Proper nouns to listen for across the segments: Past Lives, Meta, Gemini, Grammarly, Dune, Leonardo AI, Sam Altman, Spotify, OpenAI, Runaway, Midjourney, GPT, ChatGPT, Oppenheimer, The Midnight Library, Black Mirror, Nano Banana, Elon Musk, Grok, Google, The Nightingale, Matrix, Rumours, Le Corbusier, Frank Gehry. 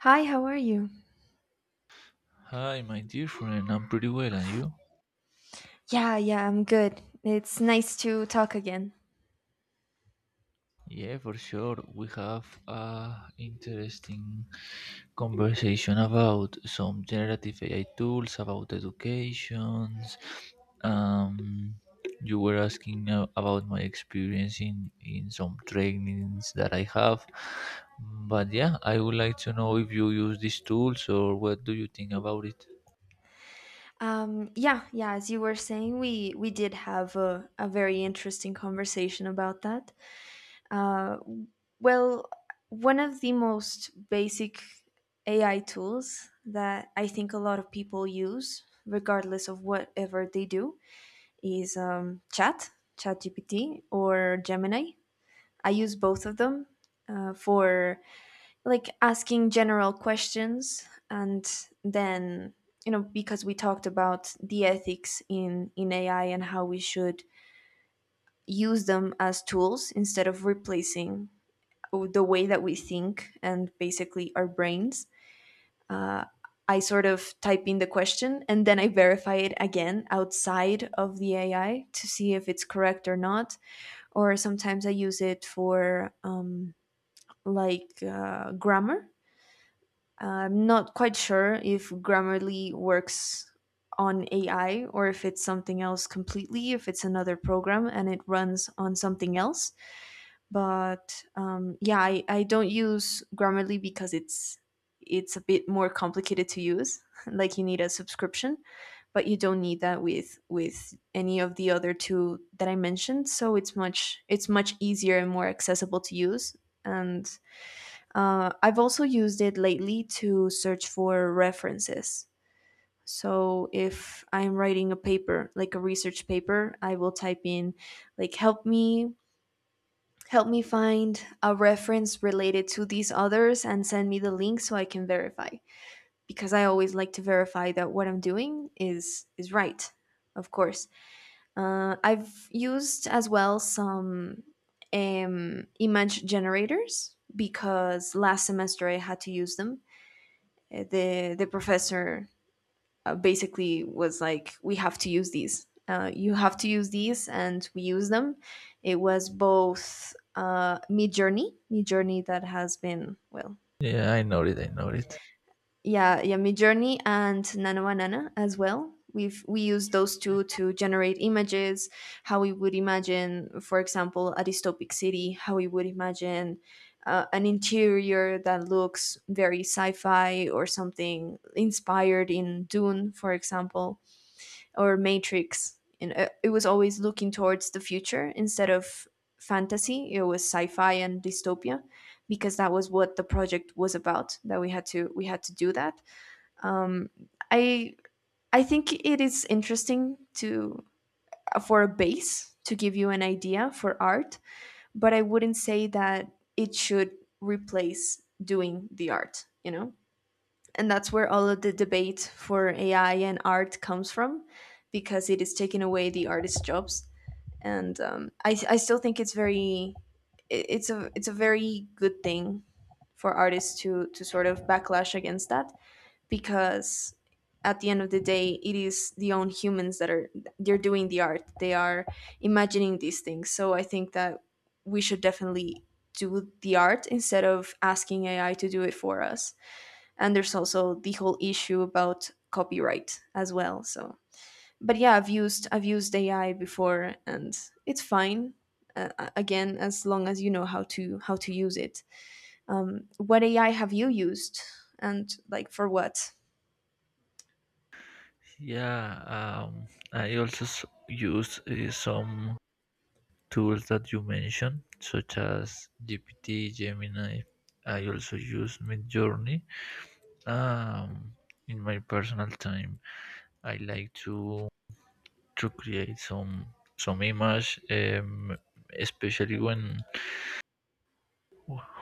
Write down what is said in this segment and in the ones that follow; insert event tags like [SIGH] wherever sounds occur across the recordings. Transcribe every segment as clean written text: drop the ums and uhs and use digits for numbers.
Hi, how are you? Hi, my dear friend. I'm pretty well, and you? Yeah, I'm good. It's nice to talk again. Yeah, for sure. We have a interesting conversation about some generative AI tools, about educations. Um, you were asking about my experience in some trainings that I have. But yeah, I would like to know if you use these tools or what do you think about it? Yeah, as you were saying, we did have a very interesting conversation about that. Uh, well, one of the most basic AI tools that I think a lot of people use, regardless of whatever they do, is ChatGPT, or Gemini. I use both of them for like asking general questions and then you know because we talked about the ethics in AI and how we should use them as tools instead of replacing the way that we think and basically our brains uh, I sort of type in the question and then I verify it again outside of the AI to see if it's correct or not. Or sometimes I use it for like grammar. I'm not quite sure if Grammarly works on AI or if it's something else completely, if it's another program and it runs on something else. But yeah, I don't use Grammarly because it's a bit more complicated to use. [LAUGHS] Like you need a subscription, but you don't need that with any of the other two that I mentioned. So it's much easier and more accessible to use. And I've also used it lately to search for references. So if I'm writing a paper, like a research paper, I will type in like help me find a reference related to these others and send me the link so I can verify because I always like to verify that what I'm doing is right. Of course. I've used as well some image generators because last semester I had to use them. The professor basically was like, "We have to use these. You have to use these," and we use them. It was both Midjourney, that has been well Yeah, I know it. I know it. yeah, Midjourney and Nano Banana as well. We use those two to generate images, how we would imagine, for example, a dystopic city, how we would imagine an interior that looks very sci-fi or something inspired in Dune, for example, or Matrix. And it was always looking towards the future instead of fantasy. It was sci-fi and dystopia because that was what the project was about. That we had to do that. um, I think it is interesting to for a base to give you an idea for art, but I wouldn't say that it should replace doing the art, you know? And that's where all of the debate for AI and art comes from because it is taking away the artist's jobs. And I still think it's very it's a very good thing for artists to sort of backlash against that because at the end of the day it is the own humans that are they're doing the art. They are imagining these things, so I think that we should definitely do the art instead of asking AI to do it for us. And there's also the whole issue about copyright as well. So but yeah, I've used AI before and it's fine. uh, Again, as long as you know how to use it. What AI have you used, and like for what? Yeah, I also use some tools that you mentioned, such as GPT, Gemini. I also use Midjourney. Um, in my personal time, I like to create some image, especially when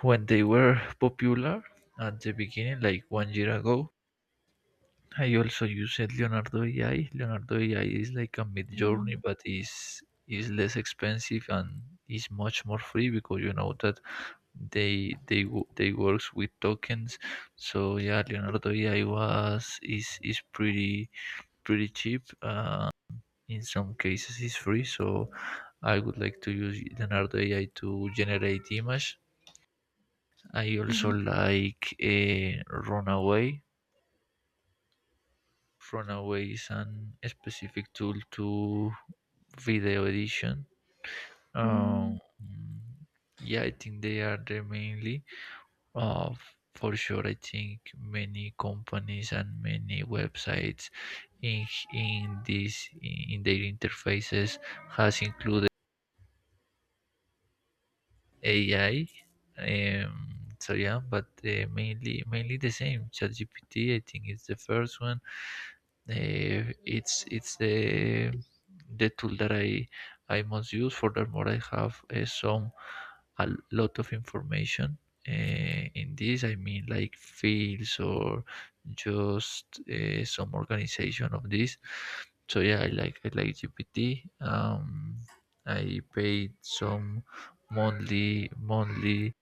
when they were popular at the beginning, like one year ago. I also use said Leonardo AI. Leonardo AI is like a mid journey, but is less expensive and is much more free because you know that they works with tokens. So yeah, Leonardo AI was is pretty cheap. In some cases, is free. So I would like to use Leonardo AI to generate image. I also Mhm. like Runaway. Runaway is an specific tool to video edition. Um, Mm, yeah, I think they are the mainly. Uh, for sure, I think many companies and many websites in in their interfaces has included AI. So yeah, but mainly the same. ChatGPT, I think, is the first one it's the tool that I most use. Furthermore, I have some a lot of information in this. I mean, like fields or just some organization of this. So yeah, I like GPT. I paid some monthly monthly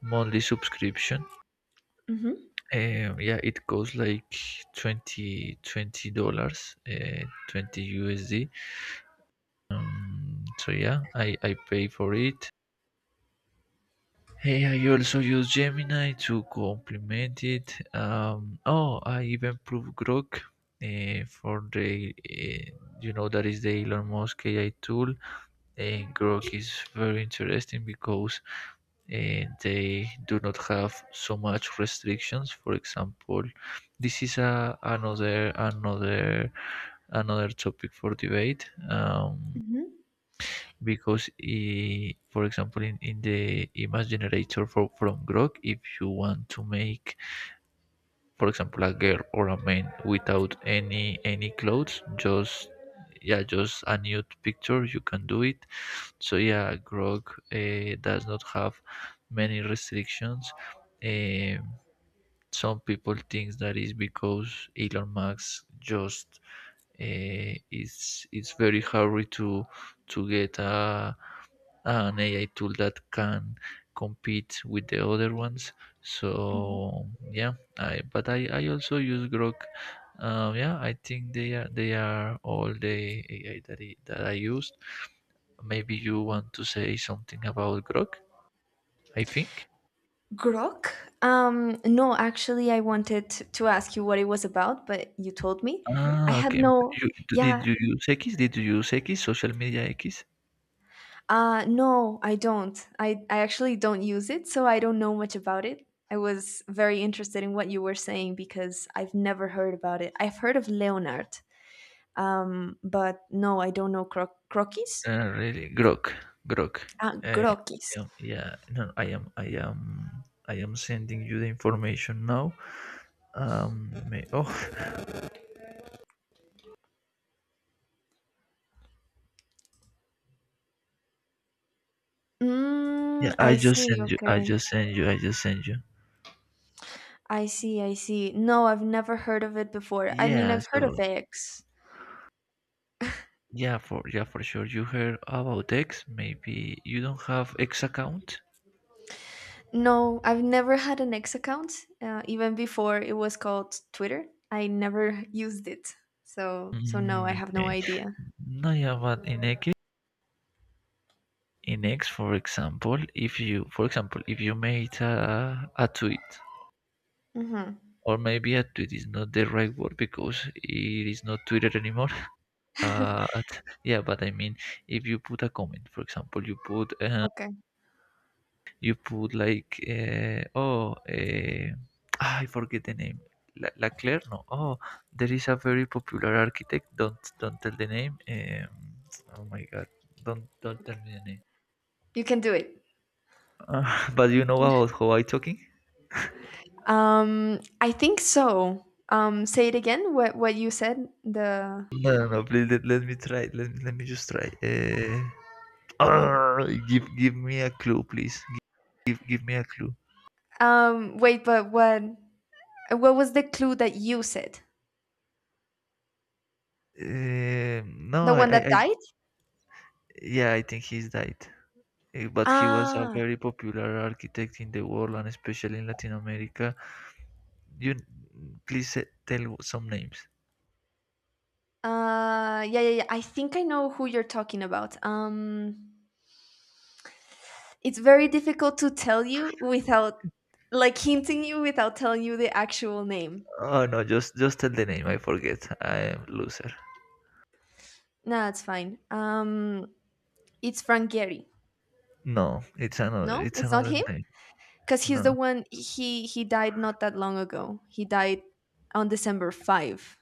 monthly subscription, mhm, yeah, it costs like 20, $20, 20 USD. So yeah, I pay for it. Hey, I also use Gemini to complement it. Oh, I even proved Grok for the you know that is the Elon Musk AI tool. And Grok is very interesting because and they do not have so much restrictions, for example. This is another topic for debate, mhm, because for example in the image generator from Grok, if you want to make, for example, a girl or a man without any clothes, just yeah, just a nude picture, you can do it. So yeah, Grog does not have many restrictions. um, some people think that is because Elon Musk just it's very hard to get a an AI tool that can compete with the other ones. mhm. So yeah, I also use Grok. Yeah, I think they are all the AI that I used. Maybe you want to say something about Grok. I think. Grok? No, actually, I wanted to ask you what it was about, but you told me. I Ah, had okay. no, You, did yeah, you use X? Did you use X? Social media X? No, I don't. I actually don't use it, so I don't know much about it. I was very interested in what you were saying because I've never heard about it. I've heard of Leonard, but no, I don't know croquis. Really, Grok. Ah, I croquis. am, yeah, no, I am, I am, I am sending you the information now. Um, may, oh, [LAUGHS] yeah, Mm, I see. Okay. I just send you. I see. No, I've never heard of it before. I mean, Yeah, I've heard of so X. Yeah, for sure. You heard about X? Maybe you don't have X account. No, I've never had an X account. Even before it was called Twitter, I never [LAUGHS] used it. So no, Mm, I have okay. no idea. No, yeah, but in X, for example, if you, for example, if you made a tweet, Mm-hmm. or maybe a tweet is not the right word because it is not Twitter anymore. [LAUGHS] But yeah, but I mean, if you put a comment, for example, Okay, you put like I forget the name. La Claire, no. Oh, there is a very popular architect. Don't tell the name. Oh my god, don't tell okay. me the name. You can do it. [LAUGHS] But you know about how I talking? I think so. Say it again. What you said? The No, no, no. Please let me try. Let me just try. [LAUGHS] Arr, give me a clue, please. Give me a clue. Wait, but what was the clue that you said? No, The one that I died? yeah, I think he's died. But he was a Ah, very popular architect in the world, and especially in Latin America. You please tell some names. yeah. I think I know who you're talking about. It's very difficult to tell you without, like, hinting you without telling you the actual name. Oh no, just tell the name. I forget. I am loser. No, that's fine. It's Frank Gehry. No, it's another. No, It's it's not another him, name. because he's the No. one. He died not that long ago. He died on December five.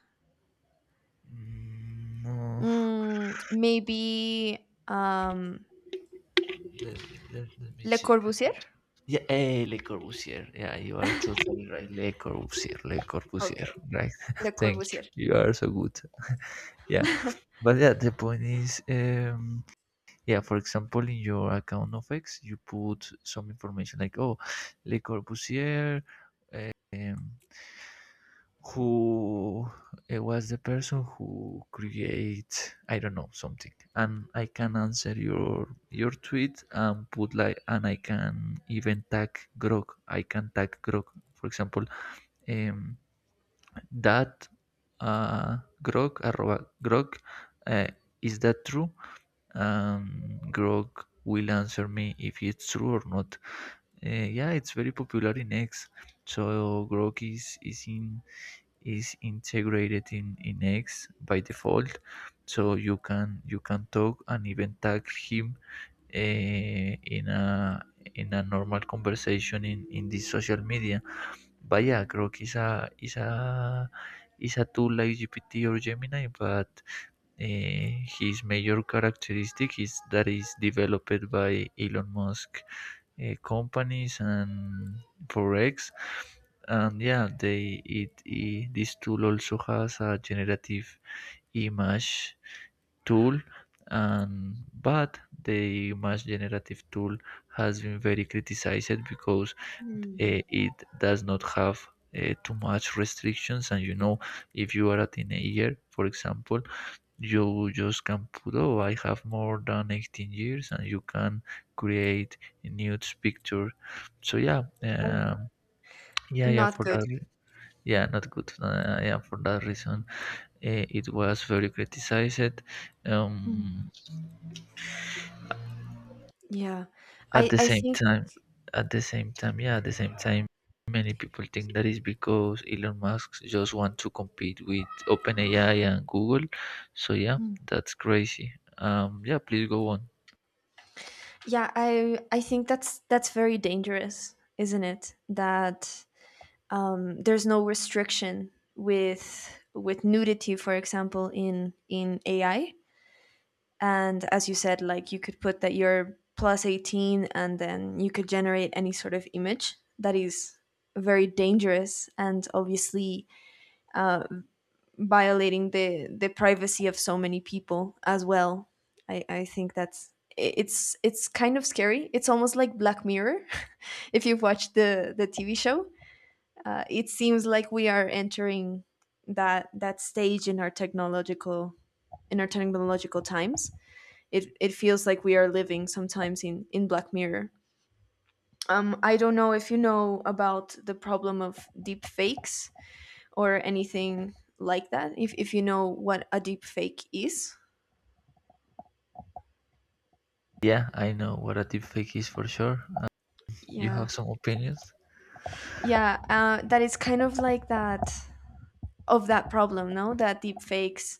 Mm, no. Mm, maybe Let me Le check. Corbusier. Yeah, Le Corbusier. Yeah, you are totally right. Le Corbusier, Le Corbusier. Okay, Right. Le [LAUGHS] Thank you. Corbusier. You are so good. Yeah. But yeah, the point is, yeah, for example, in your account of X, you put some information like, oh, Le Corbusier, um, who it was the person who create I don't know something, and I can answer your tweet and put like, and I can even tag Grok. I can tag Grok, for example, um, that Grok arroba Grok. Uh, is that true? Grok will answer me if it's true or not. Uh, yeah, it's very popular in X. So Grok is in is integrated in X by default, so you can talk and even tag him uh, in a in a normal conversation in this social media. But yeah, Grok is a is a tool like GPT or Gemini, but his major characteristic is that is developed by Elon Musk companies and Forex. And yeah, it this tool also has a generative image tool, and but the image generative tool has been very criticized because Hmm. It does not have too much restrictions, and you know, if you are a teenager, for example, you just can put oh I have more than 18 years, and you can create nudes picture. So yeah, Oh, yeah not for good. that yeah not good, yeah, for that reason it was very criticized. um Yeah. At I the I same think time, at the same time, many people think that is because Elon Musk just want to compete with OpenAI and Google. So yeah, Mm. that's crazy. Yeah, please go on. Yeah, I think that's very dangerous, isn't it? That there's no restriction with nudity, for example, in AI. And as you said, like you could put that you're plus 18 and then you could generate any sort of image that is very dangerous and obviously uh, violating the privacy of so many people as well. I think that's it's kind of scary. It's almost like Black Mirror, [LAUGHS] if you've watched the TV show. It seems like we are entering that stage in our technological times. It feels like we are living sometimes in Black Mirror. I don't know if you know about the problem of deep fakes or anything like that, if you know what a deep fake is. Yeah, I know what a deepfake is for sure. You yeah have some opinions? yeah uh, that is kind of like that of that problem, no? That deep fakes,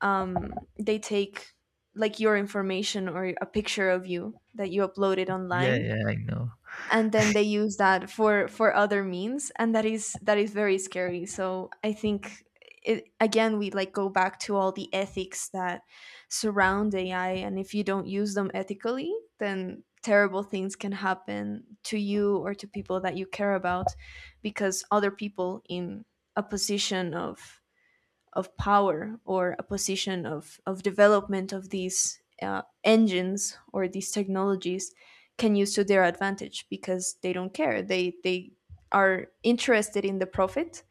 um, they take like your information or a picture of you that you uploaded Yeah, online yeah, I know. and then they use that for other means, and that is very scary. So I think it, again, we like go back to all the ethics that surround AI, and if you don't use them ethically, then terrible things can happen to you or to people that you care about, because other people in a position of power or a position of development of these engines or these technologies can use to their advantage because they don't care. They are interested in the profit.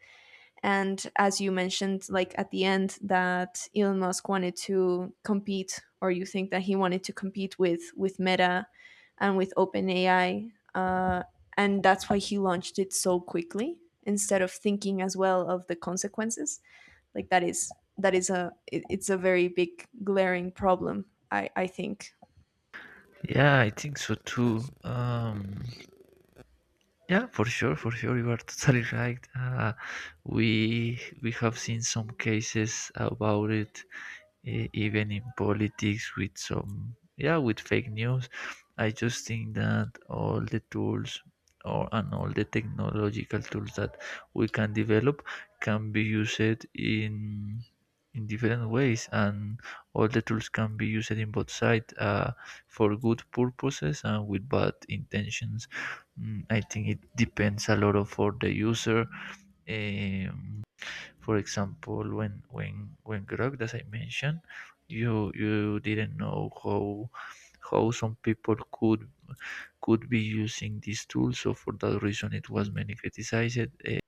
And as you mentioned, like at the end, that Elon Musk wanted to compete, or you think that he wanted to compete with Meta and with OpenAI, and that's why he launched it so quickly instead of thinking as well of the consequences. Like that is a it's a very big glaring problem. I think. Yeah, I think so too. Yeah, for sure, you are [LAUGHS] totally right. We have seen some cases about it, even in politics, with some yeah with fake news. I just think that all the tools, or and all the technological tools that we can develop can be used in in different ways, and all the tools can be used in both sides, for good purposes and with bad intentions. Mm, I think it depends a lot of for the user. um, for example, when Grog, as I mentioned, you didn't know how some people could be using these tools. So for that reason, it was many criticized. Uh,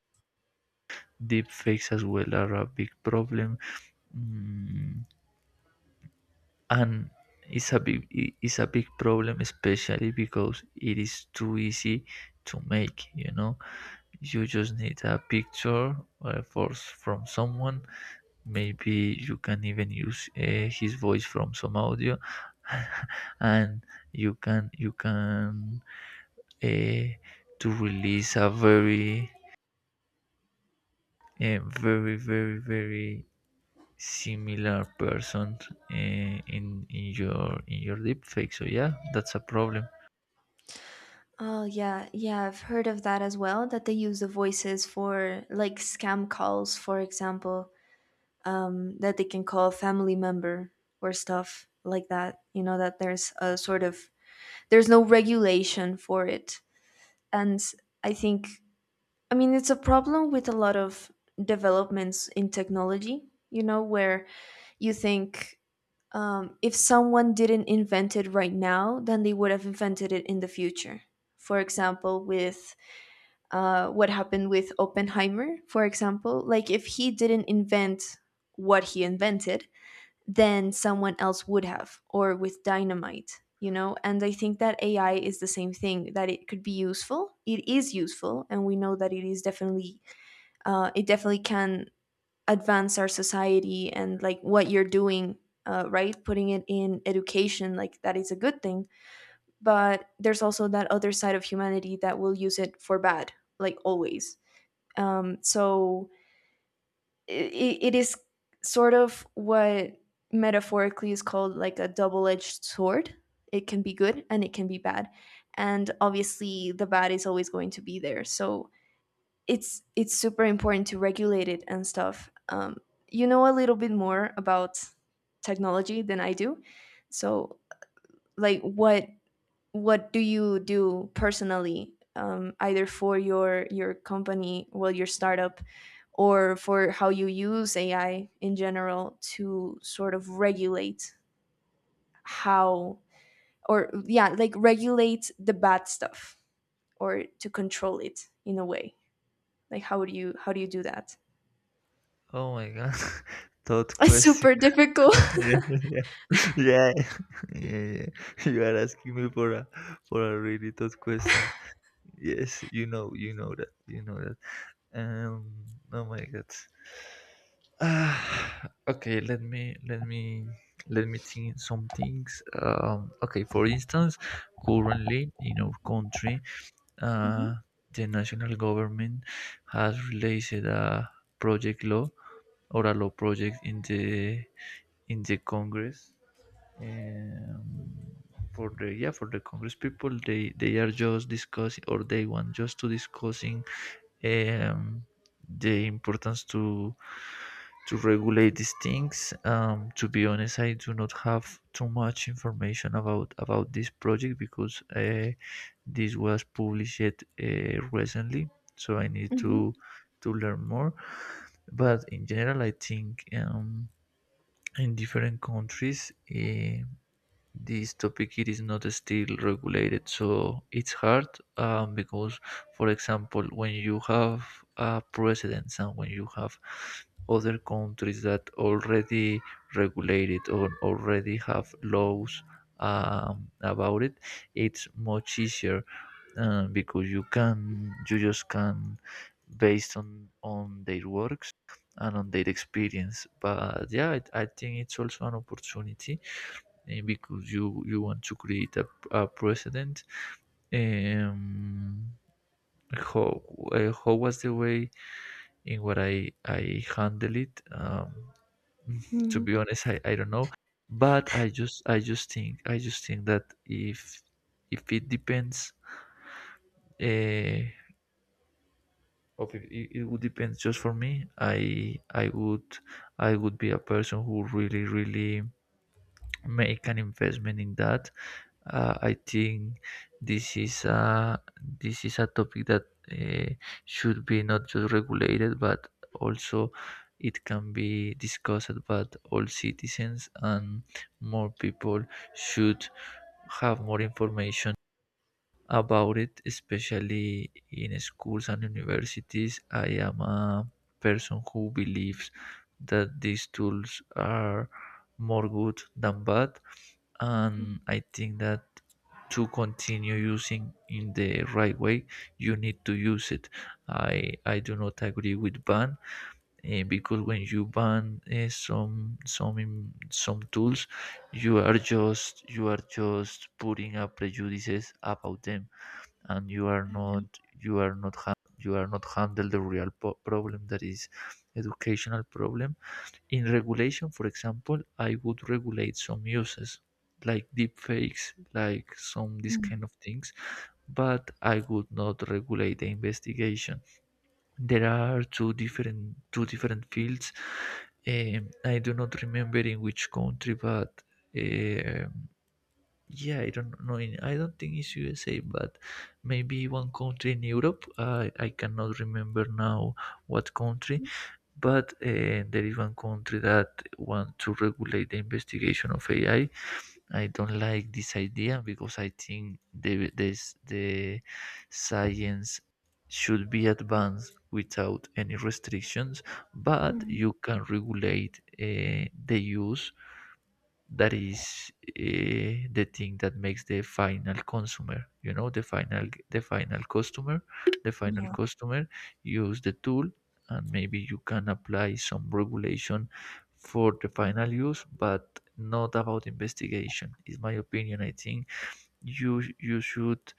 deep fakes as well are a big problem. Mm, and it's a big it's a big problem, especially because it is too easy to make, you know. You just need a picture, from someone. Maybe you can even use his voice from some audio [LAUGHS] and you can uh, to release a very very similar person, in your deep fake. So yeah, that's a problem. Oh yeah, yeah, I've heard of that as well. That they use the voices for like scam calls, for example. That they can call a family member or stuff like that. You know that there's a sort of there's no regulation for it, and I think I mean it's a problem with a lot of developments in technology. You know where you think if someone didn't invent it right now, then they would have invented it in the future. For example, with what happened with Oppenheimer, for example, like if he didn't invent what he invented, than someone else would have, or with dynamite. You know, and I think that AI is the same thing. That it could be useful, it is useful, and we know that it is definitely it definitely can advance our society, and like what you're doing, right, putting it in education, like that is a good thing. But there's also that other side of humanity that will use it for bad, like always. So it is sort of what metaphorically is called like a double-edged sword. It can be good and it can be bad, and obviously the bad is always going to be there. So it's super important to regulate it and stuff. You know a little bit more about technology than I do, so like what do you do personally? Either for your company, well your startup, or for how you use AI in general to sort of regulate how, or yeah, like regulate the bad stuff or to control it in a way. Like how do you do that? Oh my god, [LAUGHS] thought [LAUGHS] It's question. super difficult. [LAUGHS] [LAUGHS] yeah yeah [LAUGHS] yeah yeah yeah. [LAUGHS] you are asking me for a really tough question. Yes, you know that you know that, um oh my god. [SIGHS] Ah, okay, let me think some things. Okay, for instance, currently in our country, uh, the national government has released a project law or a law project in the Congress. Um, for the yeah for the Congress people, they are just discussing, or they want just to discussing, um, the importance to regulate these things. To be honest, I do not have too much information about this project, because this was published recently, so I need Mhm, to learn more. But in general, I think, in different countries. This topic it is not still regulated, so it's hard, because for example when you have precedents, and when you have other countries that already regulate it or already have laws about it, it's much easier, because you can you just can based on their works and on their experience. But yeah, I think it's also an opportunity, because you want to create a precedent. Um, how how was the way in what I handle it? [LAUGHS] To mhm, be honest, I don't know, but I just think that if it depends, uh, of if it, it would depend just for me. I would be a person who really make an investment in that. I think this is a topic that should be not just regulated, but also it can be discussed by all citizens, and more people should have more information about it, especially in schools and universities. I am a person who believes that these tools are more good than bad, and I think that to continue using in the right way you need to use it. I do not agree with ban, because when you ban some some tools, you are just putting up prejudices about them, and you are not mhm, you are not handle the real problem, that is educational problem. In regulation, for example, I would regulate some uses, like deepfakes, like some this mhm, kind of things, but I would not regulate the investigation. There are two different fields. I do not remember in which country, but um yeah, I don't know. In, I don't think it's USA, but maybe one country in Europe. I cannot remember now what country, but there is one country that want to regulate the investigation of AI. I don't like this idea because I think the science should be advanced without any restrictions, but mhm. you can regulate the use that is the thing that makes the final consumer, you know the final customer, the final Yeah, customer use the tool. And maybe you can apply some regulation for the final use, but not about investigation. Is my opinion. I think you should,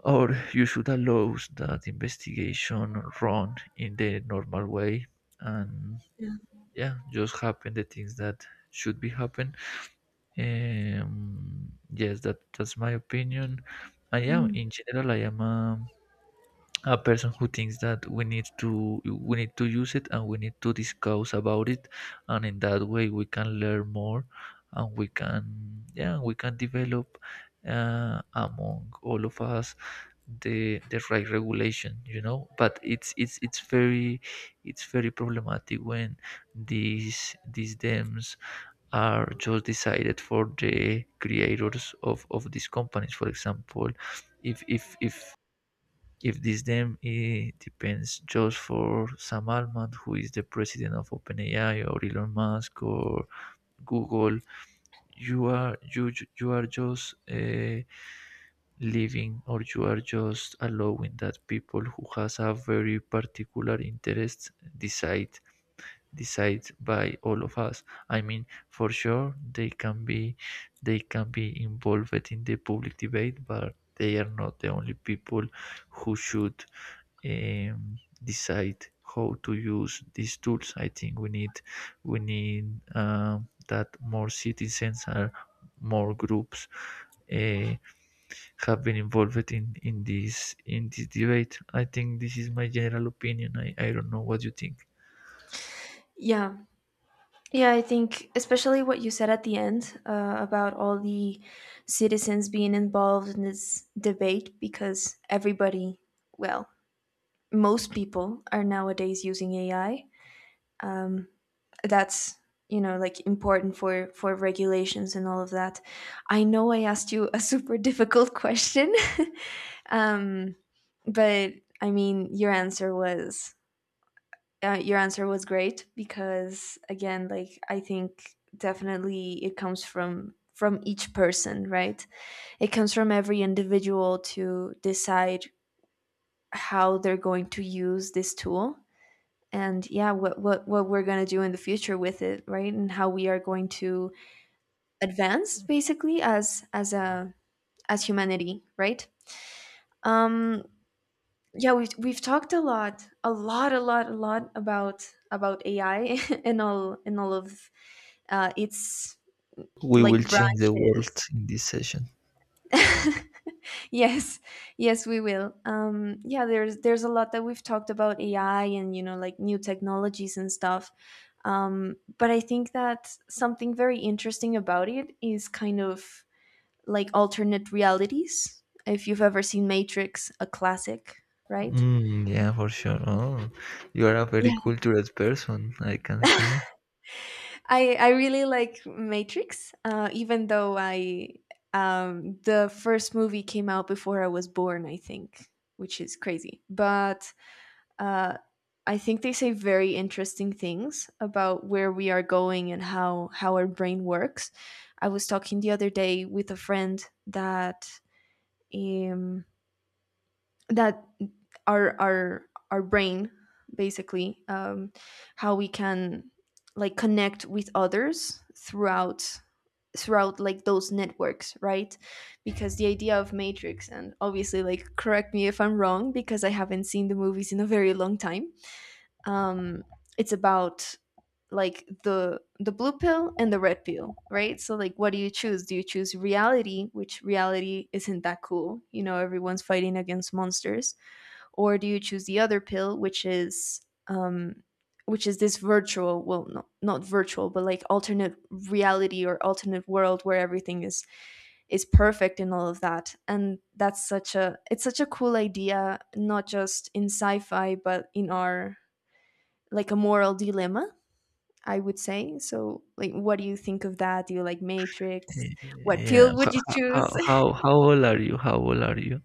or you should allow that investigation run in the normal way, and yeah. yeah, just happen the things that should be happen. Yes, that's my opinion. I am, Mm. in general, I am a person who thinks that we need to use it, and we need to discuss about it, and in that way we can learn more, and we can, yeah, we can develop among all of us the right regulation, you know. But it's very problematic when these dams are just decided for the creators of these companies. For example, if if this, then depends just for Sam Altman, who is the president of OpenAI, or Elon Musk, or Google, you are you you are just living, or you are just allowing that people who has a very particular interest decide, decided by all of us. I mean, for sure they can be involved in the public debate, but they are not the only people who should decide how to use these tools. I think we need that more citizens and more groups uh, have been involved in in this debate. I think this is my general opinion. I don't know what you think. Yeah. Yeah, I think especially what you said at the end about all the citizens being involved in this debate because everybody, well, most people are nowadays using AI. Um, that's you know like important for regulations and all of that. I know I asked you a [LAUGHS] super difficult question, [LAUGHS] um, but I mean your answer was great, because again like I think definitely it comes from each person, right? It comes from every individual to decide how they're going to use this tool. And yeah, what we're going to do in the future with it, right? And how we are going to advance basically as a as humanity, right? um yeah, we've talked a lot about AI [LAUGHS] and all, and all of its We will like change the world branches. in this session. [LAUGHS] Yes, yes we will. Yeah, there's a lot that we've talked about AI, and you know like new technologies and stuff. But I think that something very interesting about it is kind of like alternate realities. If you've ever seen Matrix, a classic, right? Mm, yeah, for sure. Oh, you are a very Yeah. cultured person, I can [LAUGHS] see. I really like Matrix, even though I the first movie came out before I was born, I think, which is crazy. But uh, I think they say very interesting things about where we are going and how our brain works. I was talking the other day with a friend that um, that our our brain basically how we can like connect with others throughout like those networks, right? Because the idea of Matrix, and obviously like correct me if I'm wrong because I haven't seen the movies in a very long time, um it's about like the blue pill and the red pill, right? So like what do you choose? Do you choose reality, which reality isn't that cool, you know, everyone's fighting against monsters? Or do you choose the other pill, um which is this virtual, well no, not virtual but like alternate reality or alternate world where everything is perfect and all of that. And that's such a it's such a cool idea, not just in sci-fi but in our like a moral dilemma, I would say. So like what do you think of that? Do you like Matrix? What Yeah. pill would you how choose? how how old are you? How old are you?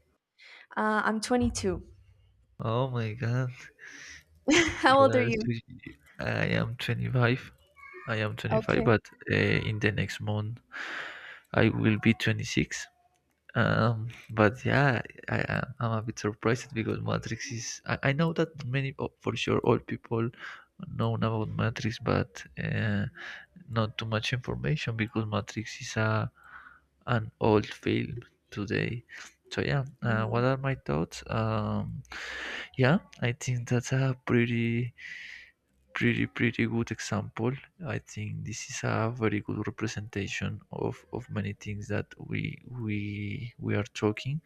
[LAUGHS] I'm 22. Oh my God. [LAUGHS] You How old are are. you? I am 25. I am 25, Okay. but uh, in the next month I will be 26. But yeah, I am. I'm a bit surprised because Matrix is. I know that many, oh, for sure, all people know about Matrix, but not too much information, because Matrix is a an old film today. So yeah, what Yeah. are my thoughts? Yeah, I think that's a pretty good example. I think this is a very good representation of many things that we are talking.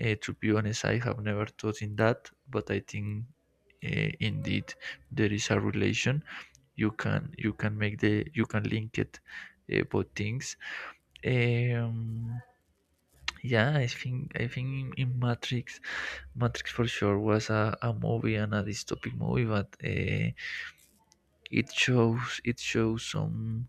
To be honest, I have never thought in that, but I think indeed there is a relation. You can, you can make the you can link it both things. Um, yeah, I think in, Matrix, Matrix for sure was a movie and a dystopic movie, but. It shows,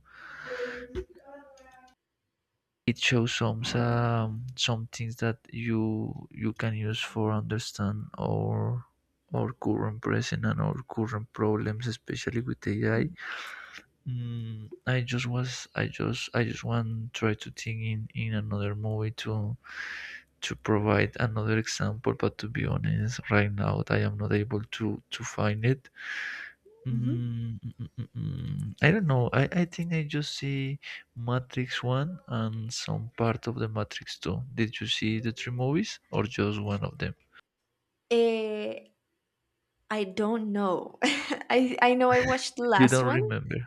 it shows some things that you can use for understand or current present and our current problems, especially with AI. Mm, I just was I just want try to think in another movie to provide another example, but to be honest, right now I am not able to find it. Mhm. Mm, mm, mm, mm, mm. I don't know. I think I just see Matrix 1 and some part of the Matrix 2. Did you see the three movies or just one of them? Eh, I don't know. [LAUGHS] I know I watched the You last don't one. remember.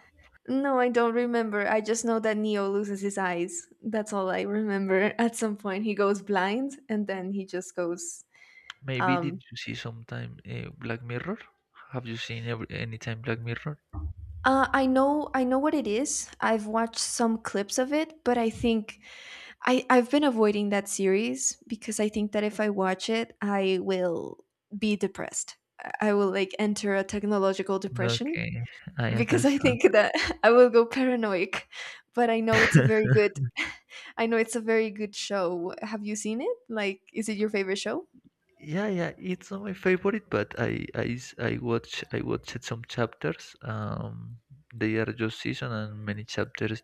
No, I don't remember. I just know that Neo loses his eyes. That's all I remember. [LAUGHS] At some point he goes blind and then he just goes Maybe um did you see sometime Black Mirror? Have you seen every, anytime Black Mirror? I know what it is. I've watched some clips of it, but I think I've been avoiding that series because I think that if I watch it, I will be depressed. I will like enter a technological depression Okay, I because I understand. think that [LAUGHS] I will go paranoid. But I know it's a [LAUGHS] very good [LAUGHS] I know it's a very good show. Have you seen it? Like is it your favorite show? yeah, yeah, it's not my favorite, but I watched some chapters. They are just season and many chapters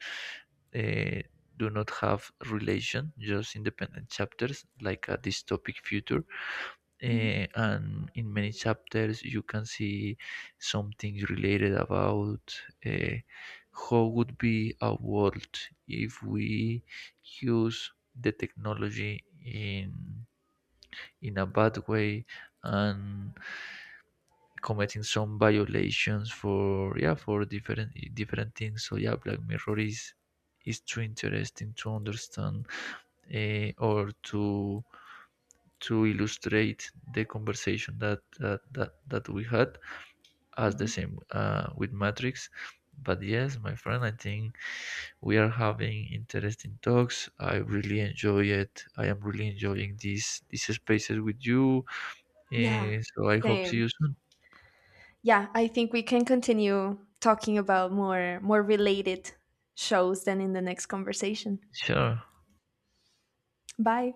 uh, do not have relation, just independent chapters, like a dystopic future. Mhm, Eh, and in many chapters you can see something related about, eh, how would be a world if we use the technology in a bad way, and committing some violations for, yeah, for different things. So yeah, Black Mirror is too interesting to understand, eh, or to illustrate the conversation that that we had as the mhm. same with Matrix. But yes, my friend, I think we are having interesting talks. I really enjoy it. I am really enjoying these spaces with you. Yeah, Yeah, so I hope see same. you soon. Yeah, I think we can continue talking about more more related shows than in the next conversation. Sure. Bye.